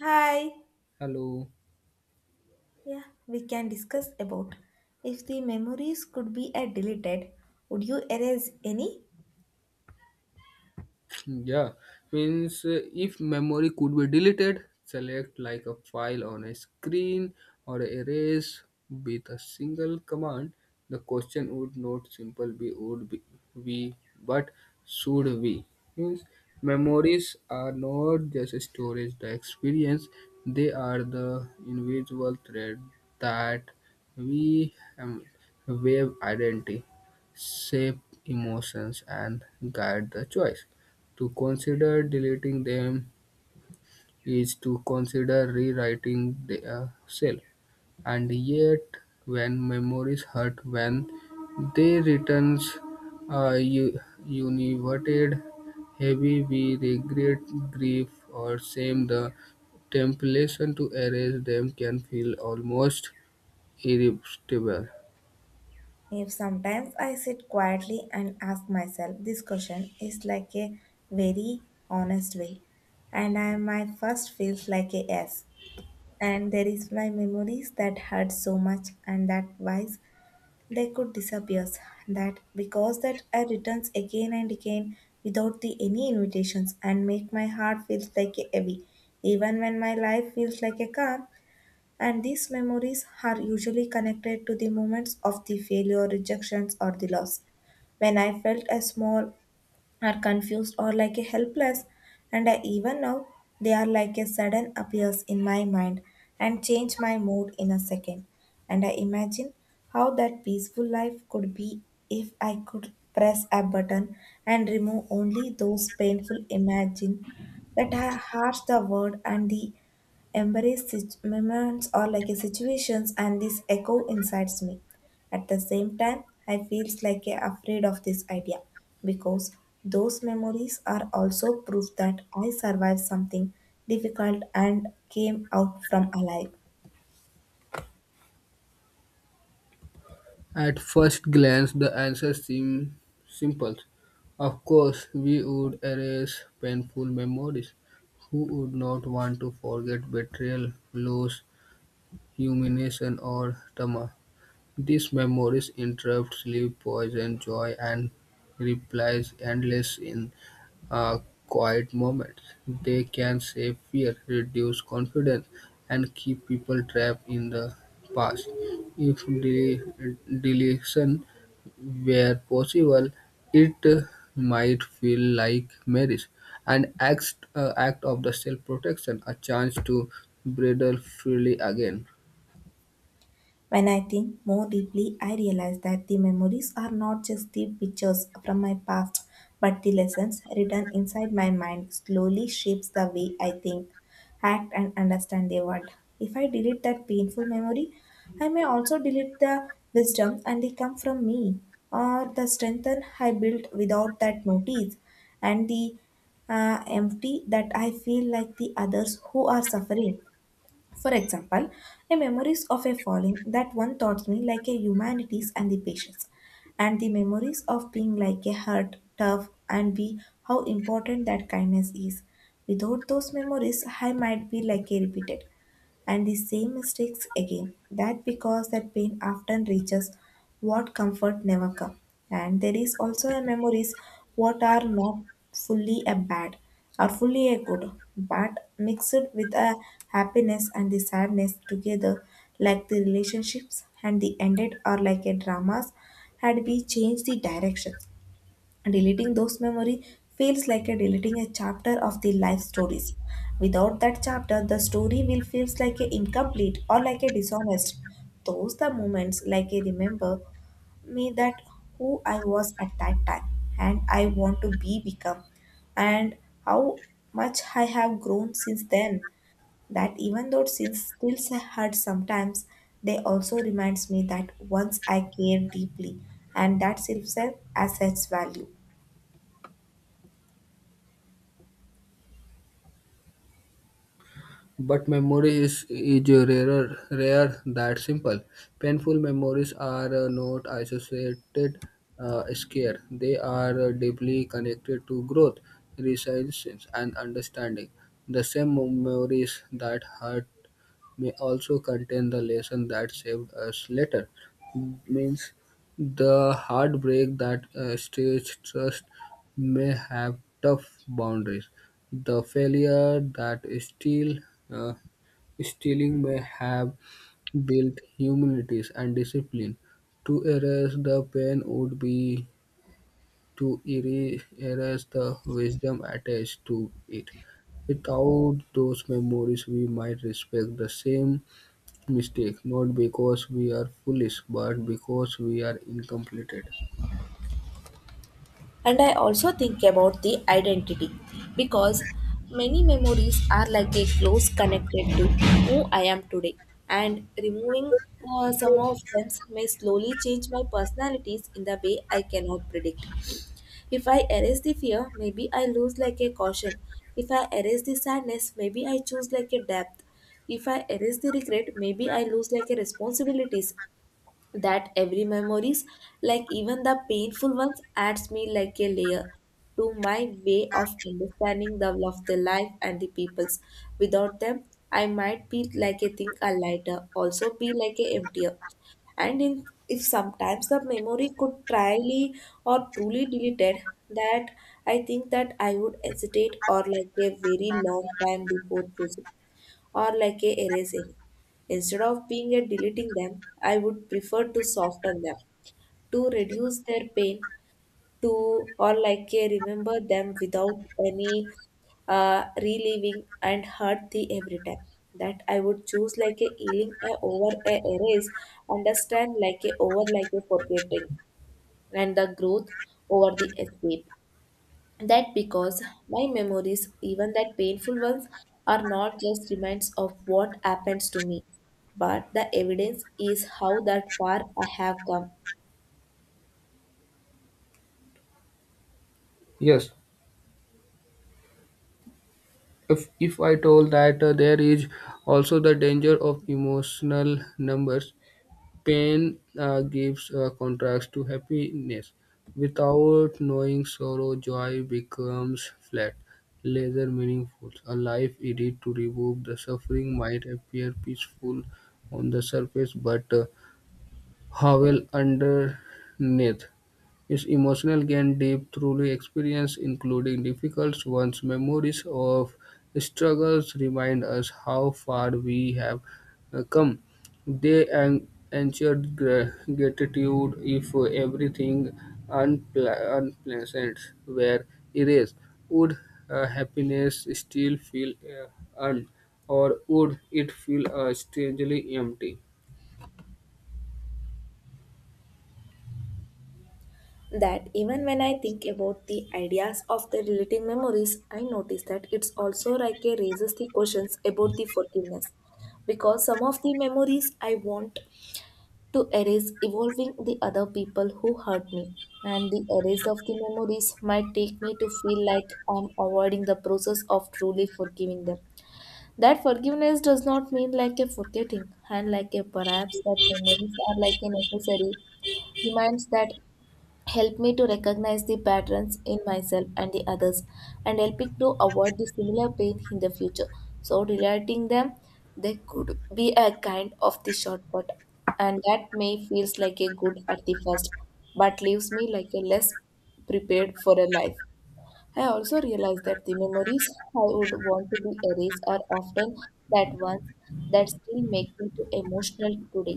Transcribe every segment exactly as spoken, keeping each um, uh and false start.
Hi. Hello，Yeah, we can discuss about if the memories could be uh, deleted, would you erase any? Yeah, means uh, if memory could be deleted, select like a file on a screen or erase with a single command. The question would not simple be, would be we, but should we, means memories are not just storage the experience, they are the invisible thread that we um, wave identity, shape emotions, and guide the choice. To consider deleting them is to consider rewriting their shell, and yet when memories hurt, when they returns are u- univerted, heavy, we regret, grief, or shame. The temptation to erase them can feel almost irresistible. If sometimes I sit quietly and ask myself this question is like a very honest way, and I my first feels like a yes, and there is my memories that hurt so much and that wise they could disappear. That because that I returns again and again without the any invitations and make my heart feels like a heavy, even when my life feels like a calm. And these memories are usually connected to the moments of the failure, rejections, or the loss when I felt a small are confused or like a helpless and I, even now they are like a sudden appears in my mind and change my mood in a second and I imagine how that peaceful life could be if I could press a button and remove only those painful imagine that are harsh the word and the embrace sit- moments or like a situations and this echo inside me. At the same time, I feels like a afraid of this idea because those memories are also proof that I survived something difficult and came out from alive. At first glance, the answer seems simple. Of course, we would erase painful memories. Who would not want to forget betrayal, loss, humiliation, or trauma? These memories interrupt sleep, poison joy, and replies endless in uh, quiet moments. They can save fear, reduce confidence, and keep people trapped in the past. If de- deletion were possible, it uh, might feel like marriage, an act, uh, act of the self-protection, a chance to bridle freely again. When I think more deeply, I realize that the memories are not just the pictures from my past, but the lessons written inside my mind slowly shapes the way I think, act and understand the world. If I delete that painful memory, I may also delete the wisdom and they come from me or the strength I built without that notice and the uh, empty that I feel like the others who are suffering. For example, the memories of a falling that one taught me like a humanities and the patience, and the memories of being like a hurt, tough, and be how important that kindness is. Without those memories, I might be like a repeated and the same mistakes again. That because that pain often reaches what comfort never come and there is also a memories what are not fully a bad are fully a good but mixed with a happiness and the sadness together like the relationships and the ended are like a dramas had we changed the direction. Deleting those memory feels like a deleting a chapter of the life stories. Without that chapter, the story will feels like a incomplete or like a dishonest. Those the moments like I remember me that who I was at that time and I want to be become and how much I have grown since then. That even though since still I hurt sometimes, they also reminds me that once I cared deeply and that itself as its value. But memory is, is rarer, rare that simple. Painful memories are uh, not associated uh, scare. They are uh, deeply connected to growth, resilience, and understanding. The same memories that hurt may also contain the lesson that saved us later. Means The heartbreak that uh, stage trust may have tough boundaries. The failure that steel uh, stealing may have built humanities and discipline. To erase the pain would be to eri- erase the wisdom attached to it. Without those memories, we might respect the same mistake, not because we are foolish, but because we are incomplete. And I also think about the identity because many memories are like a close connected to who I am today, and removing uh, some of them may slowly change my personalities in the way I cannot predict. If I erase the fear, maybe I lose like a caution. If I erase the sadness, maybe I choose like a depth. If I erase the regret, maybe I lose like a responsibilities that every memories like even the painful ones adds me like a layer to my way of understanding the love of the life and the peoples without them I might be like a think a lighter also be like a emptier and in, if sometimes the memory could trially or truly deleted that I think that I would hesitate or like a very long time before choosing or like a erasing. Instead of being a deleting them, I would prefer to soften them, to reduce their pain, to or like a remember them without any uh, reliving and hurt the every time. That I would choose like a healing a over a erase, understand like a over like a forgetting, and the growth over the escape. That because my memories, even that painful ones, are not just reminds of what happens to me, but the evidence is how that far I have come. Yes, If, if I told that uh, there is also the danger of emotional numbers, pain uh, gives uh, contrast to happiness. Without knowing sorrow, joy becomes flat, lesser meaningful. A life indeed to remove the suffering might appear peaceful on the surface, but uh, how well underneath. His emotional gain deep through experience, including difficult ones. Memories of struggles remind us how far we have uh, come. They en- ensured gra- gratitude if everything unpla- unpleasant were erased. Would uh, happiness still feel uh, earned, or would it feel uh, strangely empty? That even when I think about the ideas of the relating memories, I notice that it's also like a raises the questions about the forgiveness. Because some of the memories I want to erase evolving the other people who hurt me and the erase of the memories might take me to feel like I'm avoiding the process of truly forgiving them. That forgiveness does not mean like a forgetting and like a perhaps that memories are like a necessary reminds that help me to recognize the patterns in myself and the others and help me to avoid the similar pain in the future. So relating them they could be a kind of the shortcut and that may feels like a good at the first but leaves me like a less prepared for a life. I also realized that the memories I would want to be erased are often that ones that still make me too emotional today,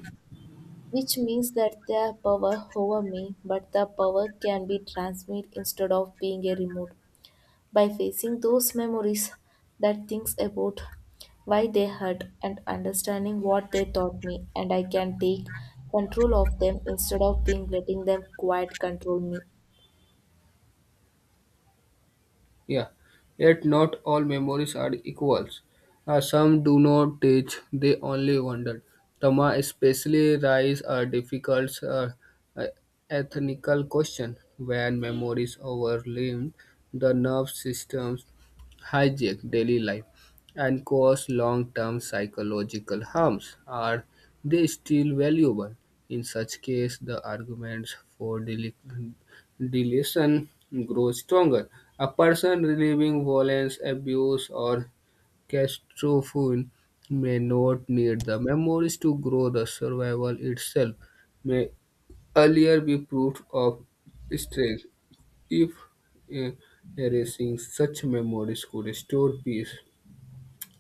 which means that they have power over me, but the power can be transmitted instead of being a remote. By facing those memories that thinks about why they hurt and understanding what they taught me, and I can take control of them instead of being letting them quite control me. Yeah, yet not all memories are equals. Uh, some do not teach, they only wonder. Tama especially raise a difficult uh, uh, ethnical question when memories overwhelm the nerve systems, hijack daily life, and cause long-term psychological harms. Are they still valuable? In such case, the arguments for deli- delusion grows stronger: a person reliving violence, abuse, or catastrophe may not need the memories to grow; the survival itself may earlier be proof of strength. If eh, erasing such memories could restore peace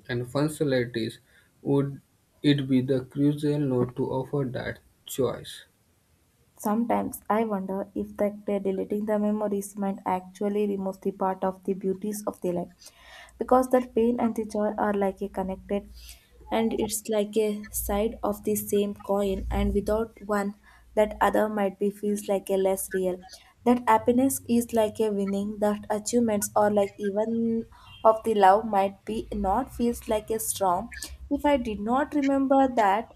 and functionalities, would it be the crucial not to offer that choice? Sometimes I wonder if the the deleting the memories might actually remove the part of the beauties of the life, because that pain and the joy are like a connected, and it's like a side of the same coin, and without one, that other might be feels like a less real. That happiness is like a winning, that achievements or like even of the love might be not feels like a strong. If I did not remember that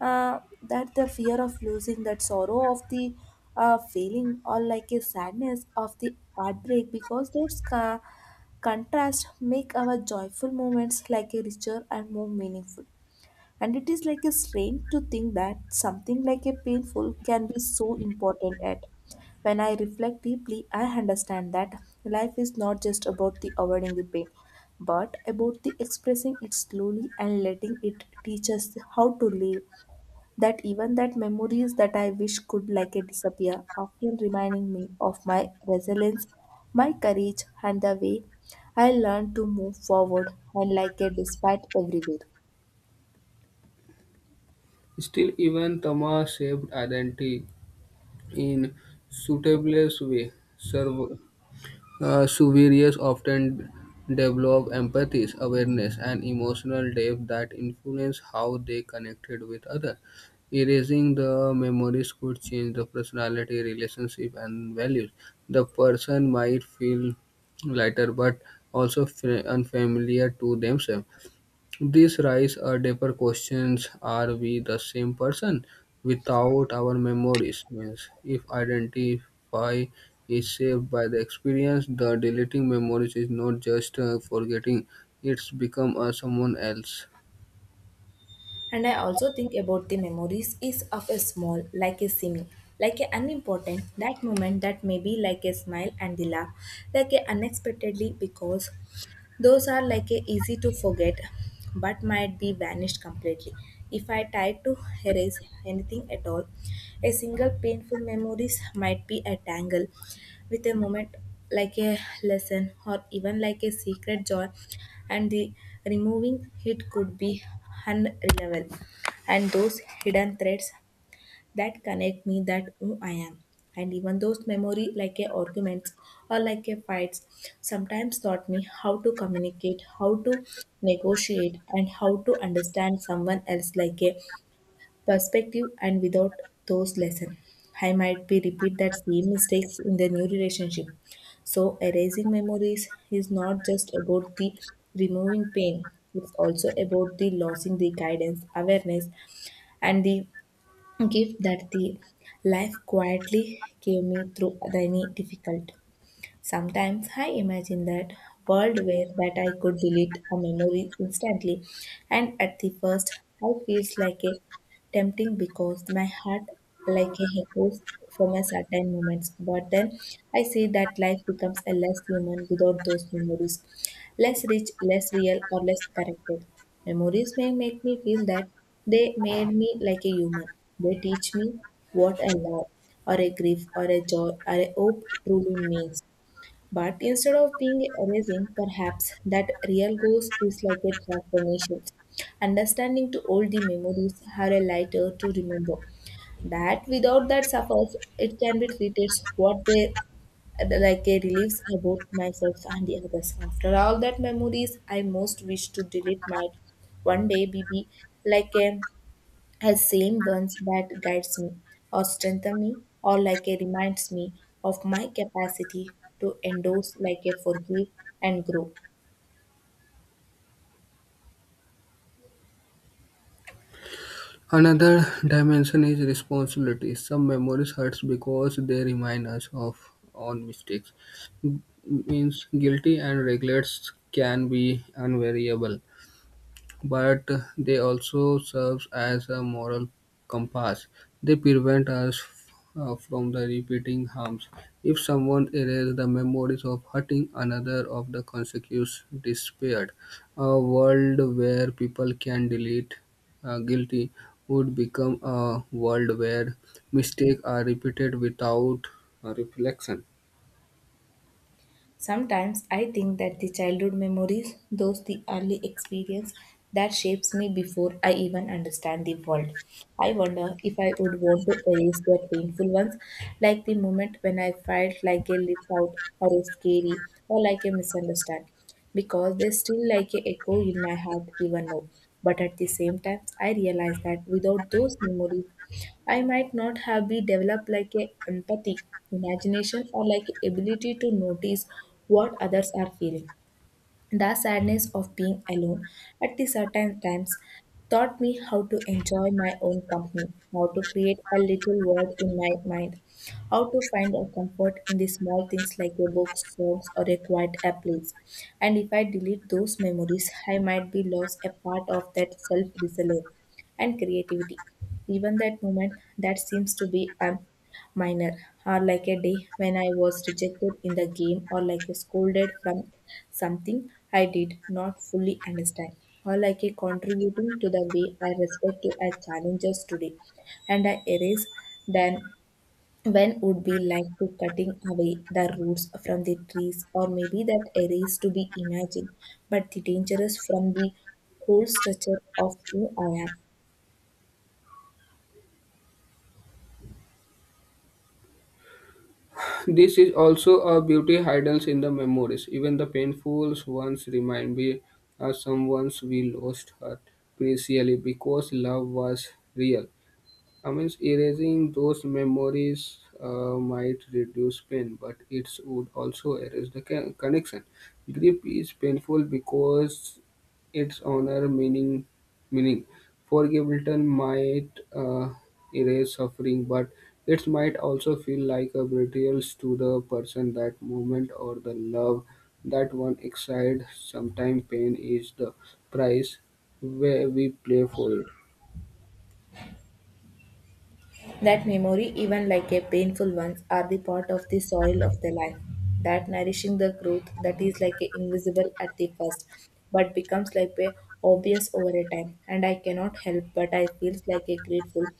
uh, that the fear of losing that sorrow of the uh, feeling or like a sadness of the heartbreak because those ca- contrasts make our joyful moments like a richer and more meaningful. And it is like a strain to think that something like a painful can be so important at. When I reflect deeply, I understand that life is not just about the avoiding the pain but about the expressing it slowly and letting it teach us how to live. That even that memories that I wish could like a disappear, often reminding me of my resilience, my courage, and the way I learned to move forward and like a despite everywhere. Still, even trauma shaped identity in suitable way. Serv- uh, Surveyors often develop empathy, awareness, and emotional depth that influence how they connected with others. Erasing the memories could change the personality, relationship, and values. The person might feel lighter but also fa- unfamiliar to themselves. This raise a deeper questions: Are we the same person without our memories? Means, if identify is shaped by the experience, the deleting memories is not just uh, forgetting; it's become uh, someone else. And I also think about the memories is of a small, like a seeming, like a unimportant, that moment that may be like a smile and the laugh, like a unexpectedly because those are like a easy to forget, but might be vanished completely. If I tried to erase anything at all, a single painful memories might be a tangle with a moment like a lesson or even like a secret joy, and the removing it could be unreliable. And those hidden threads that connect me that who I am. And even those memory like a arguments or like a fights sometimes taught me how to communicate, how to negotiate and how to understand someone else like a perspective and without those lesson. I might be repeat that same mistakes in the new relationship. So erasing memories is not just about the removing pain. It's also about the losing the guidance, awareness, and the gift that the life quietly gave me through any difficult. Sometimes I imagine that world where that I could delete a memory instantly and at the first I feels like a tempting because my heart like a echoes from a certain moments. But then I see that life becomes a less human without those memories, less rich, less real, or less connected. Memories may make me feel that they made me like a human. They teach me what a love or a grief or a joy or a hope truly means. But instead of being erasing, perhaps that real ghost is like a transformation, understanding to all the memories are a lighter to remember. That without that suffers, it can be treated what they like a relieves about myself and the others. After all that memories, I most wish to delete might one day be be like a as same ones that guides me or strengthen me or like a reminds me of my capacity to endorse like a forgive and grow. Another dimension is responsibility. Some memories hurts because they remind us of on mistakes. Means guilty and regrets can be unvariable, but they also serve as a moral compass. They prevent us uh, from the repeating harms. If someone erases the memories of hurting another of the consequences disappeared, a world where people can delete uh, guilty would become a world where mistakes are repeated without uh, reflection. Sometimes I think that the childhood memories, those the early experience that shapes me before I even understand the world. I wonder if I would want to erase their painful ones, like the moment when I felt like a left out or a scary or like a misunderstand, because they still like a echo in my heart even now. But at the same time, I realize that without those memories, I might not have be developed like a empathy, imagination, or like ability to notice what others are feeling. The sadness of being alone at the certain times taught me how to enjoy my own company, how to create a little world in my mind, how to find a comfort in the small things like a book, songs, or a quiet a place. And if I delete those memories, I might be lost a part of that self resilience and creativity. Even that moment that seems to be um, minor, or like a day when I was rejected in the game, or like a scolded from something I did not fully understand, or like a contributing to the way I respect to our challenges today, and I erase then when would be like to cutting away the roots from the trees, or maybe that erase to be imagined but the dangerous from the whole structure of who I am. This is also a beauty hides in the memories. Even the painful ones remind me of someone we lost her preciously because love was real. I mean, erasing those memories uh, might reduce pain, but it would also erase the con- connection. Grief is painful because its honor meaning meaning. Forgive return might uh, erase suffering, but it might also feel like a betrayal to the person, that moment, or the love that one excited. Sometimes pain is the price where we play for it. That memory, even like a painful ones, are the part of the soil of the life that nourishing the growth that is like a invisible at the first, but becomes like a obvious over a time. And I cannot help but I feels like a grateful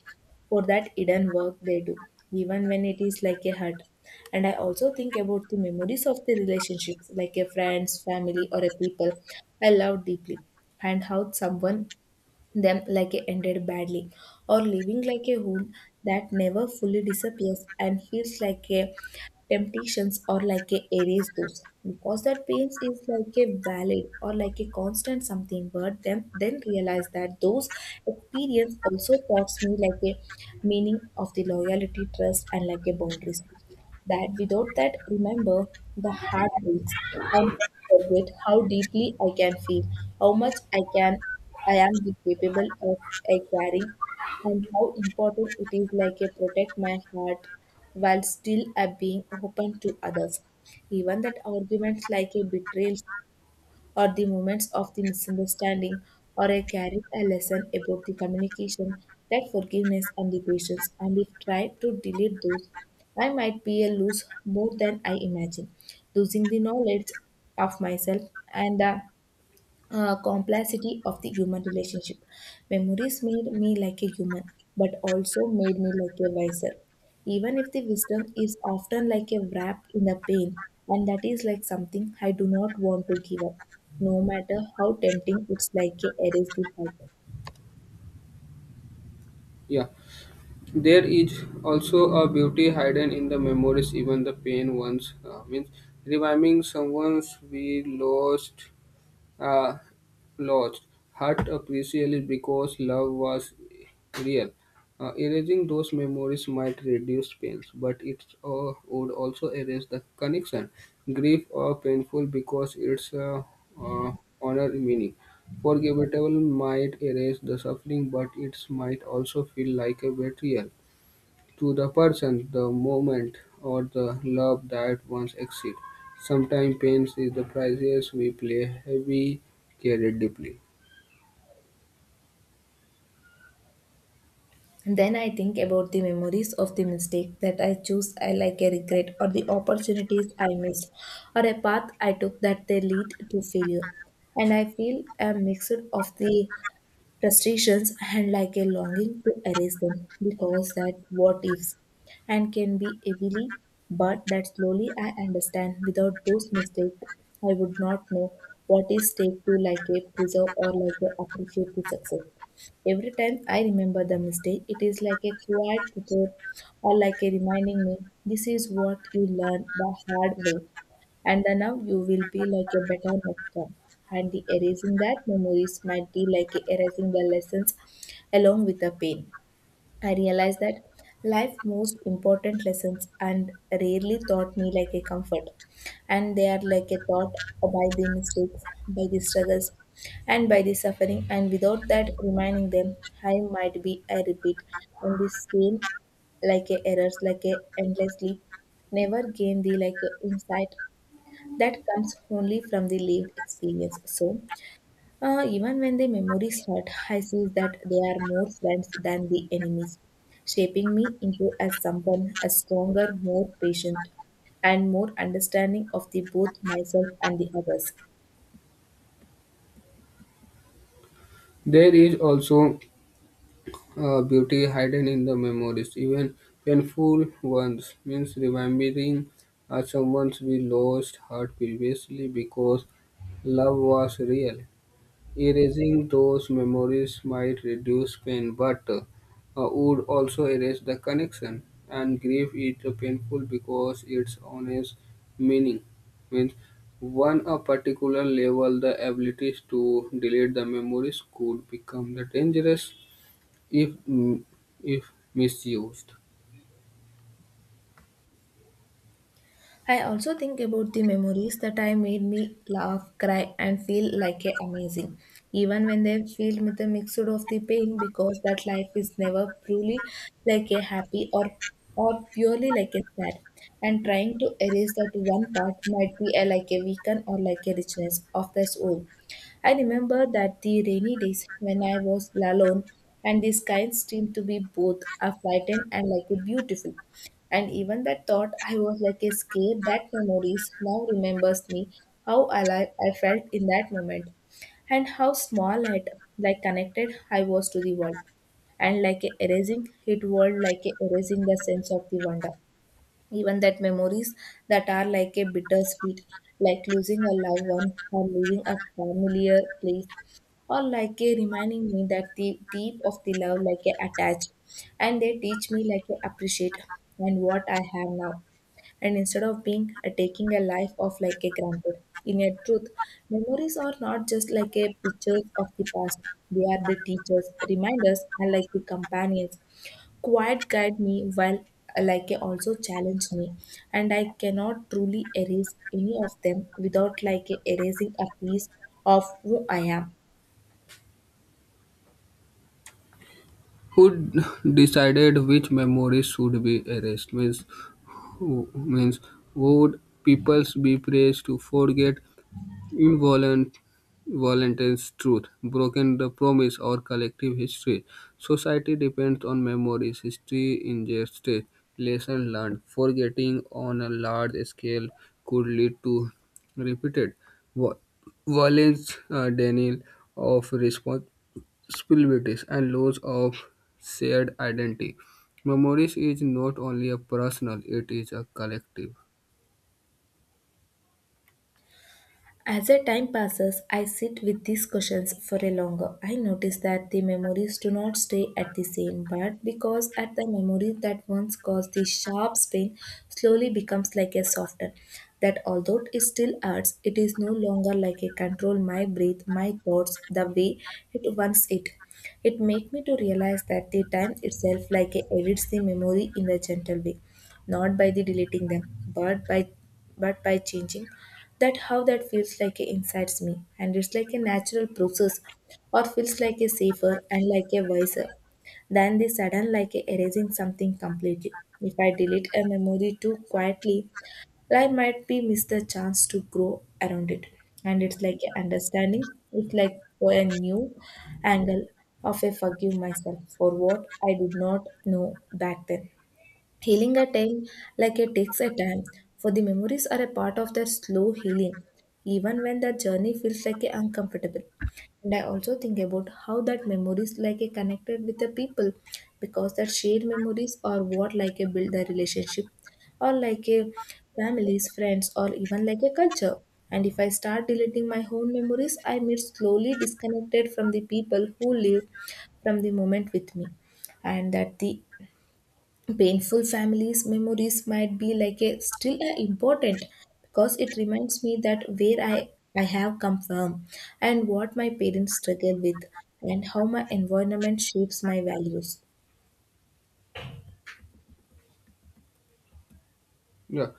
for that hidden work they do, even when it is like a hurt. And I also think about the memories of the relationships, like a friends, family, or a people I love deeply, and how someone them like it ended badly, or living like a wound that never fully disappears and heals like a temptations or like a erase those. Because that pains is like a valid or like a constant something, but then then realize that those experience also taught me like a meaning of the loyalty, trust, and like a boundaries that without that remember the heartbreaks I never forget how deeply I can feel, how much I can I am capable of uh, carrying, and how important it is like a protect my heart while still uh, being open to others. Even that arguments like a betrayal or the moments of the misunderstanding, or I carried a lesson about the communication, that forgiveness and the patience. And if tried to delete those, I might be a lose more than I imagine, losing the knowledge of myself and uh, uh, complexity of the human relationship. Memories made me like a human, but also made me like a wiser. Even if the wisdom is often like a wrapped in a pain, and that is like something I do not want to give up, no matter how tempting it's like a erase the heart. Yeah. There is also a beauty hidden in the memories, even the pain ones. Uh, means reviving someone's we lost, uh, lost, hurt appreciably because love was real. Uh, erasing those memories might reduce pains, but it uh, would also erase the connection. Grief or painful because it's uh, uh, honor meaning. Forgettable might erase the suffering, but it might also feel like a betrayal to the person, the moment, or the love that once existed. Sometimes pain is the price we play heavy, carried deeply. Then I think about the memories of the mistake that I choose I like a regret, or the opportunities I missed, or a path I took that they lead to failure, and I feel a mixture of the frustrations and like a longing to erase them because that what ifs and can be heavily, but that slowly I understand without those mistakes I would not know what is take to like a preserve or like a appreciate the success. Every time I remember the mistake it is like a quiet teacher, or like a reminding me this is what you learn the hard way, and the now you will be like a better next time. And the erasing that memories might be like erasing the lessons along with the pain. I realized that life most important lessons and rarely taught me like a comfort. And they are like a thought by the mistakes, by the struggles, and by the suffering. And without that reminding them, I might be I repeat and the same like a errors like a endlessly, never gain the like a insight that comes only from the lived experience. So, uh, even when the memories hurt, I see that they are more friends than the enemies, shaping me into as someone a stronger, more patient, and more understanding of the both myself and the others. There is also uh, beauty hidden in the memories, even painful ones. Means remembering uh, someone we lost hurt previously because love was real. Erasing those memories might reduce pain, but uh, would also erase the connection. And grief is painful because its honest meaning Means one a particular level the abilities to delete the memories could become the dangerous if mm, if misused. I also think about the memories that I made me laugh, cry, and feel like a amazing, even when they feel with a mixture of the pain, because that life is never truly like a happy or or purely like a sad. And trying to erase that one part might be a, like a weaken or like a richness of the soul. I remember that the rainy days when I was alone and the sky seemed to be both a frightened and like a beautiful, and even that thought, I was like a scared that memories now remembers me how alive I felt in that moment and how small and like connected I was to the world. And like a erasing it world like a erasing the sense of the wonder. Even that memories that are like a bittersweet, like losing a loved one or leaving a familiar place or like a reminding me that the deep of the love like a attached, and they teach me like a appreciate and what I have now. And instead of being a taking a life of like a granted. In a truth, memories are not just like a pictures of the past. They are the teachers, reminders, and like the companions. Quiet guide me while uh, like a also challenge me, and I cannot truly erase any of them without like a erasing a piece of who I am. Who d- decided which memories should be erased means who means would peoples be praised to forget Involent, Valentine's truth, broken the promise, or collective history. Society depends on memories, history ingested, lesson learned. Forgetting on a large scale could lead to repeated va- violence, uh, denial of responsibilities, and loss of shared identity. Memories is not only a personal, it is a collective. As the time passes, I sit with these questions for a longer. I notice that the memories do not stay at the same, but because at the memory that once caused the sharp pain slowly becomes like a softer. That although it still hurts, it is no longer like a control my breath, my thoughts, the way it once it. It make me to realize that the time itself like a edits the memory in a gentle way, not by the deleting them, but by but by changing that how that feels like inside me, and it's like a natural process, or feels like a safer and like a wiser than the sudden like a erasing something completely. If I delete a memory too quietly, I might be miss the chance to grow around it, and it's like a understanding, it's like for a new angle of a forgive myself for what I did not know back then. Healing a tale like it takes a time, for the memories are a part of their slow healing, even when the journey feels like a uncomfortable. And I also think about how that memories like a connected with the people, because that shared memories are what like a build the relationship, or like a families, friends, or even like a culture. And if I start deleting my own memories, I may slowly disconnected from the people who live from the moment with me, and that the painful families memories might be like a still a important because it reminds me that where i i have come from and what my parents struggle with and how my environment shapes my values. Yeah,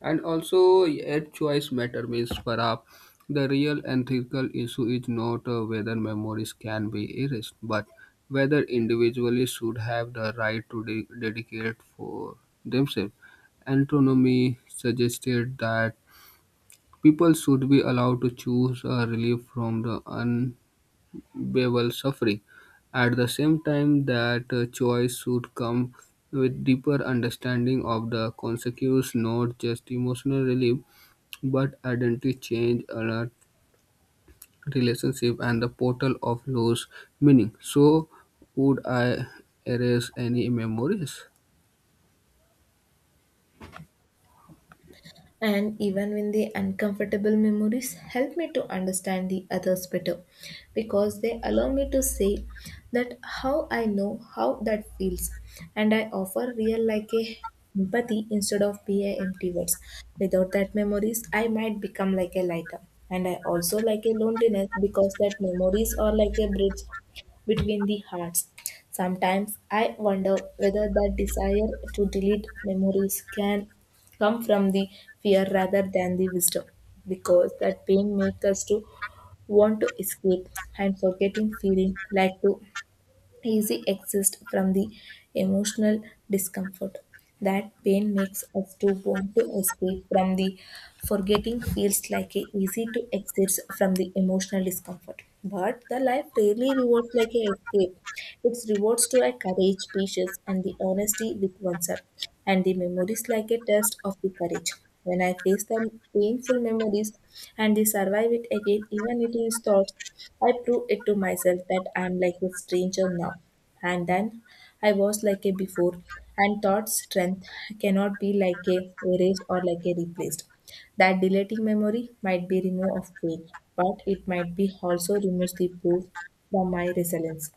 and also a choice matter means for perhaps the real ethical issue is not uh, whether memories can be erased, but whether individuals should have the right to de- dedicate for themselves. Autonomy suggested that people should be allowed to choose a relief from the un bevel suffering. At the same time, that uh, choice should come with deeper understanding of the consequences, not just emotional relief, but identity change, alert relationship, and the portal of lost meaning. So, would I erase any memories? And even when the uncomfortable memories help me to understand the others better because they allow me to say that how I know how that feels, and I offer real like a empathy instead of be a empty words. Without that memories I might become like a lighter, and I also like a loneliness because that memories are like a bridge between the hearts. Sometimes I wonder whether that desire to delete memories can come from the fear rather than the wisdom, because that pain makes us to want to escape and forgetting feeling like to easy exist from the emotional discomfort. That pain makes us to want to escape from the forgetting feels like a easy to exit from the emotional discomfort. But the life rarely rewards like a escape. Its rewards to our courage, patience, and the honesty with oneself, and the memories like a test of the courage. When I face the painful memories and they survive it again, even it is thoughts, I prove it to myself that I am like a stranger now. And then I was like a before, and thought strength cannot be like a erased or like a replaced. That deleting memory might be remove of pain, but it might be also removes the proof from my resilience.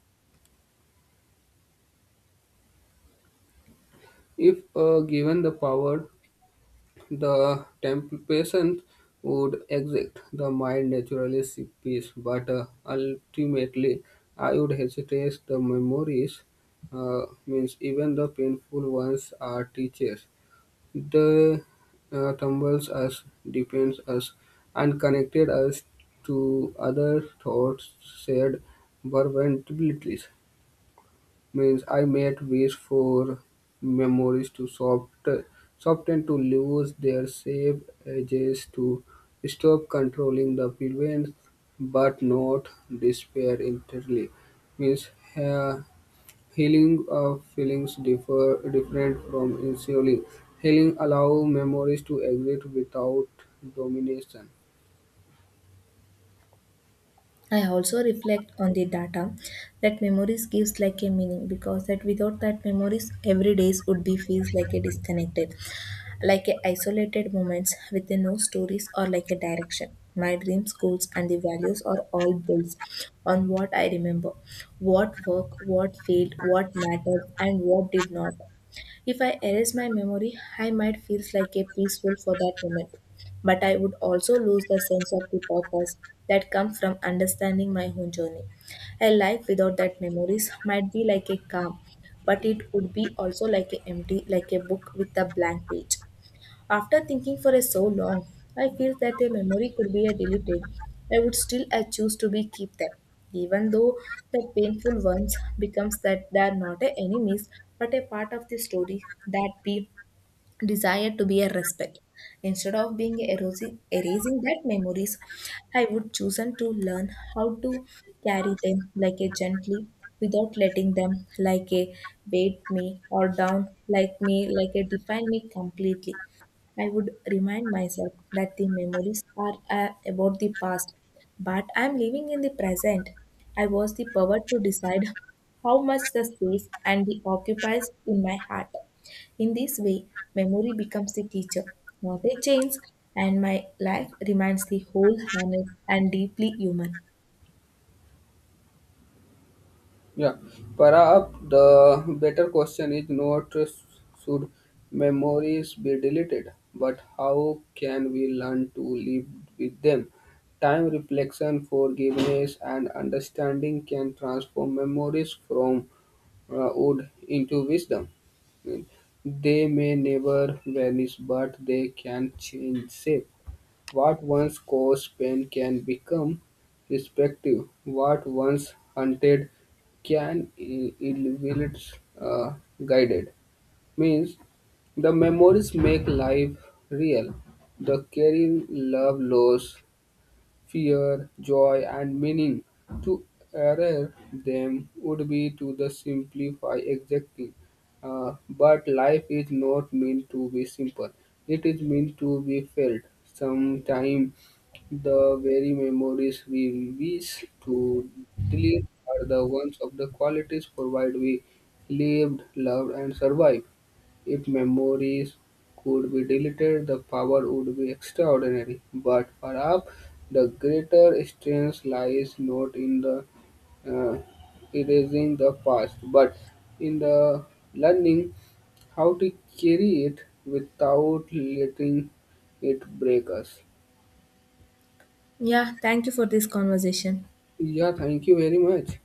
If uh, given the power, the temp- patient would exit. The mind naturally seek peace, but uh, ultimately, I would hesitate. The memories, uh, means even the painful ones, are teachers. They uh, tumbles us, depends us, and connected us to other thoughts, shared vulnerabilities. Means I made wish for memories to soft, soften, to lose their shape, edges, to stop controlling the events, but not despair entirely. Means uh, healing of feelings differ different from ensuring. Healing allow memories to exist without domination. I also reflect on the data that memories gives like a meaning because that without that memories every days would be feels like a disconnected, like a isolated moments with a no stories or like a direction. My dreams, goals and the values are all built on what I remember, what worked, what failed, what mattered and what did not. If I erase my memory, I might feel like a peaceful for that moment, but I would also lose the sense of the purpose that comes from understanding my own journey. A life without that memories might be like a calm, but it would be also like a empty, like a book with a blank page. After thinking for so long, I feel that a memory could be deleted. I would still I choose to be keep them, even though the painful ones becomes that they are not a enemies but a part of the story that be desire to be a respect. Instead of being erosing, erasing that memories, I would chosen to learn how to carry them like a gently without letting them like a weight me or down like me like a define me completely. I would remind myself that the memories are uh, about the past, but I am living in the present. I was the power to decide how much the space and the occupies in my heart. In this way, memory becomes the teacher, not a chains, and my life remains the whole, honest, and deeply human. Yeah, perhaps the better question is not uh, should memories be deleted, but how can we learn to live with them? Time, reflection, forgiveness, and understanding can transform memories from uh, wood into wisdom. They may never vanish, but they can change shape. What once caused pain can become respective. What once hunted, can i- elevate, uh, guided. Means the memories make life real. The caring love, loss, fear, joy, and meaning. To err them would be to the simplify exactly. Uh, but life is not meant to be simple. It is meant to be felt. Sometimes the very memories we wish to delete are the ones of the qualities provide we lived, loved, and survived. If memories could be deleted, the power would be extraordinary. But perhaps the greater strength lies not in the uh, erasing the past, but in the learning how to carry it without letting it break us. Yeah, thank you for this conversation. Yeah, thank you very much.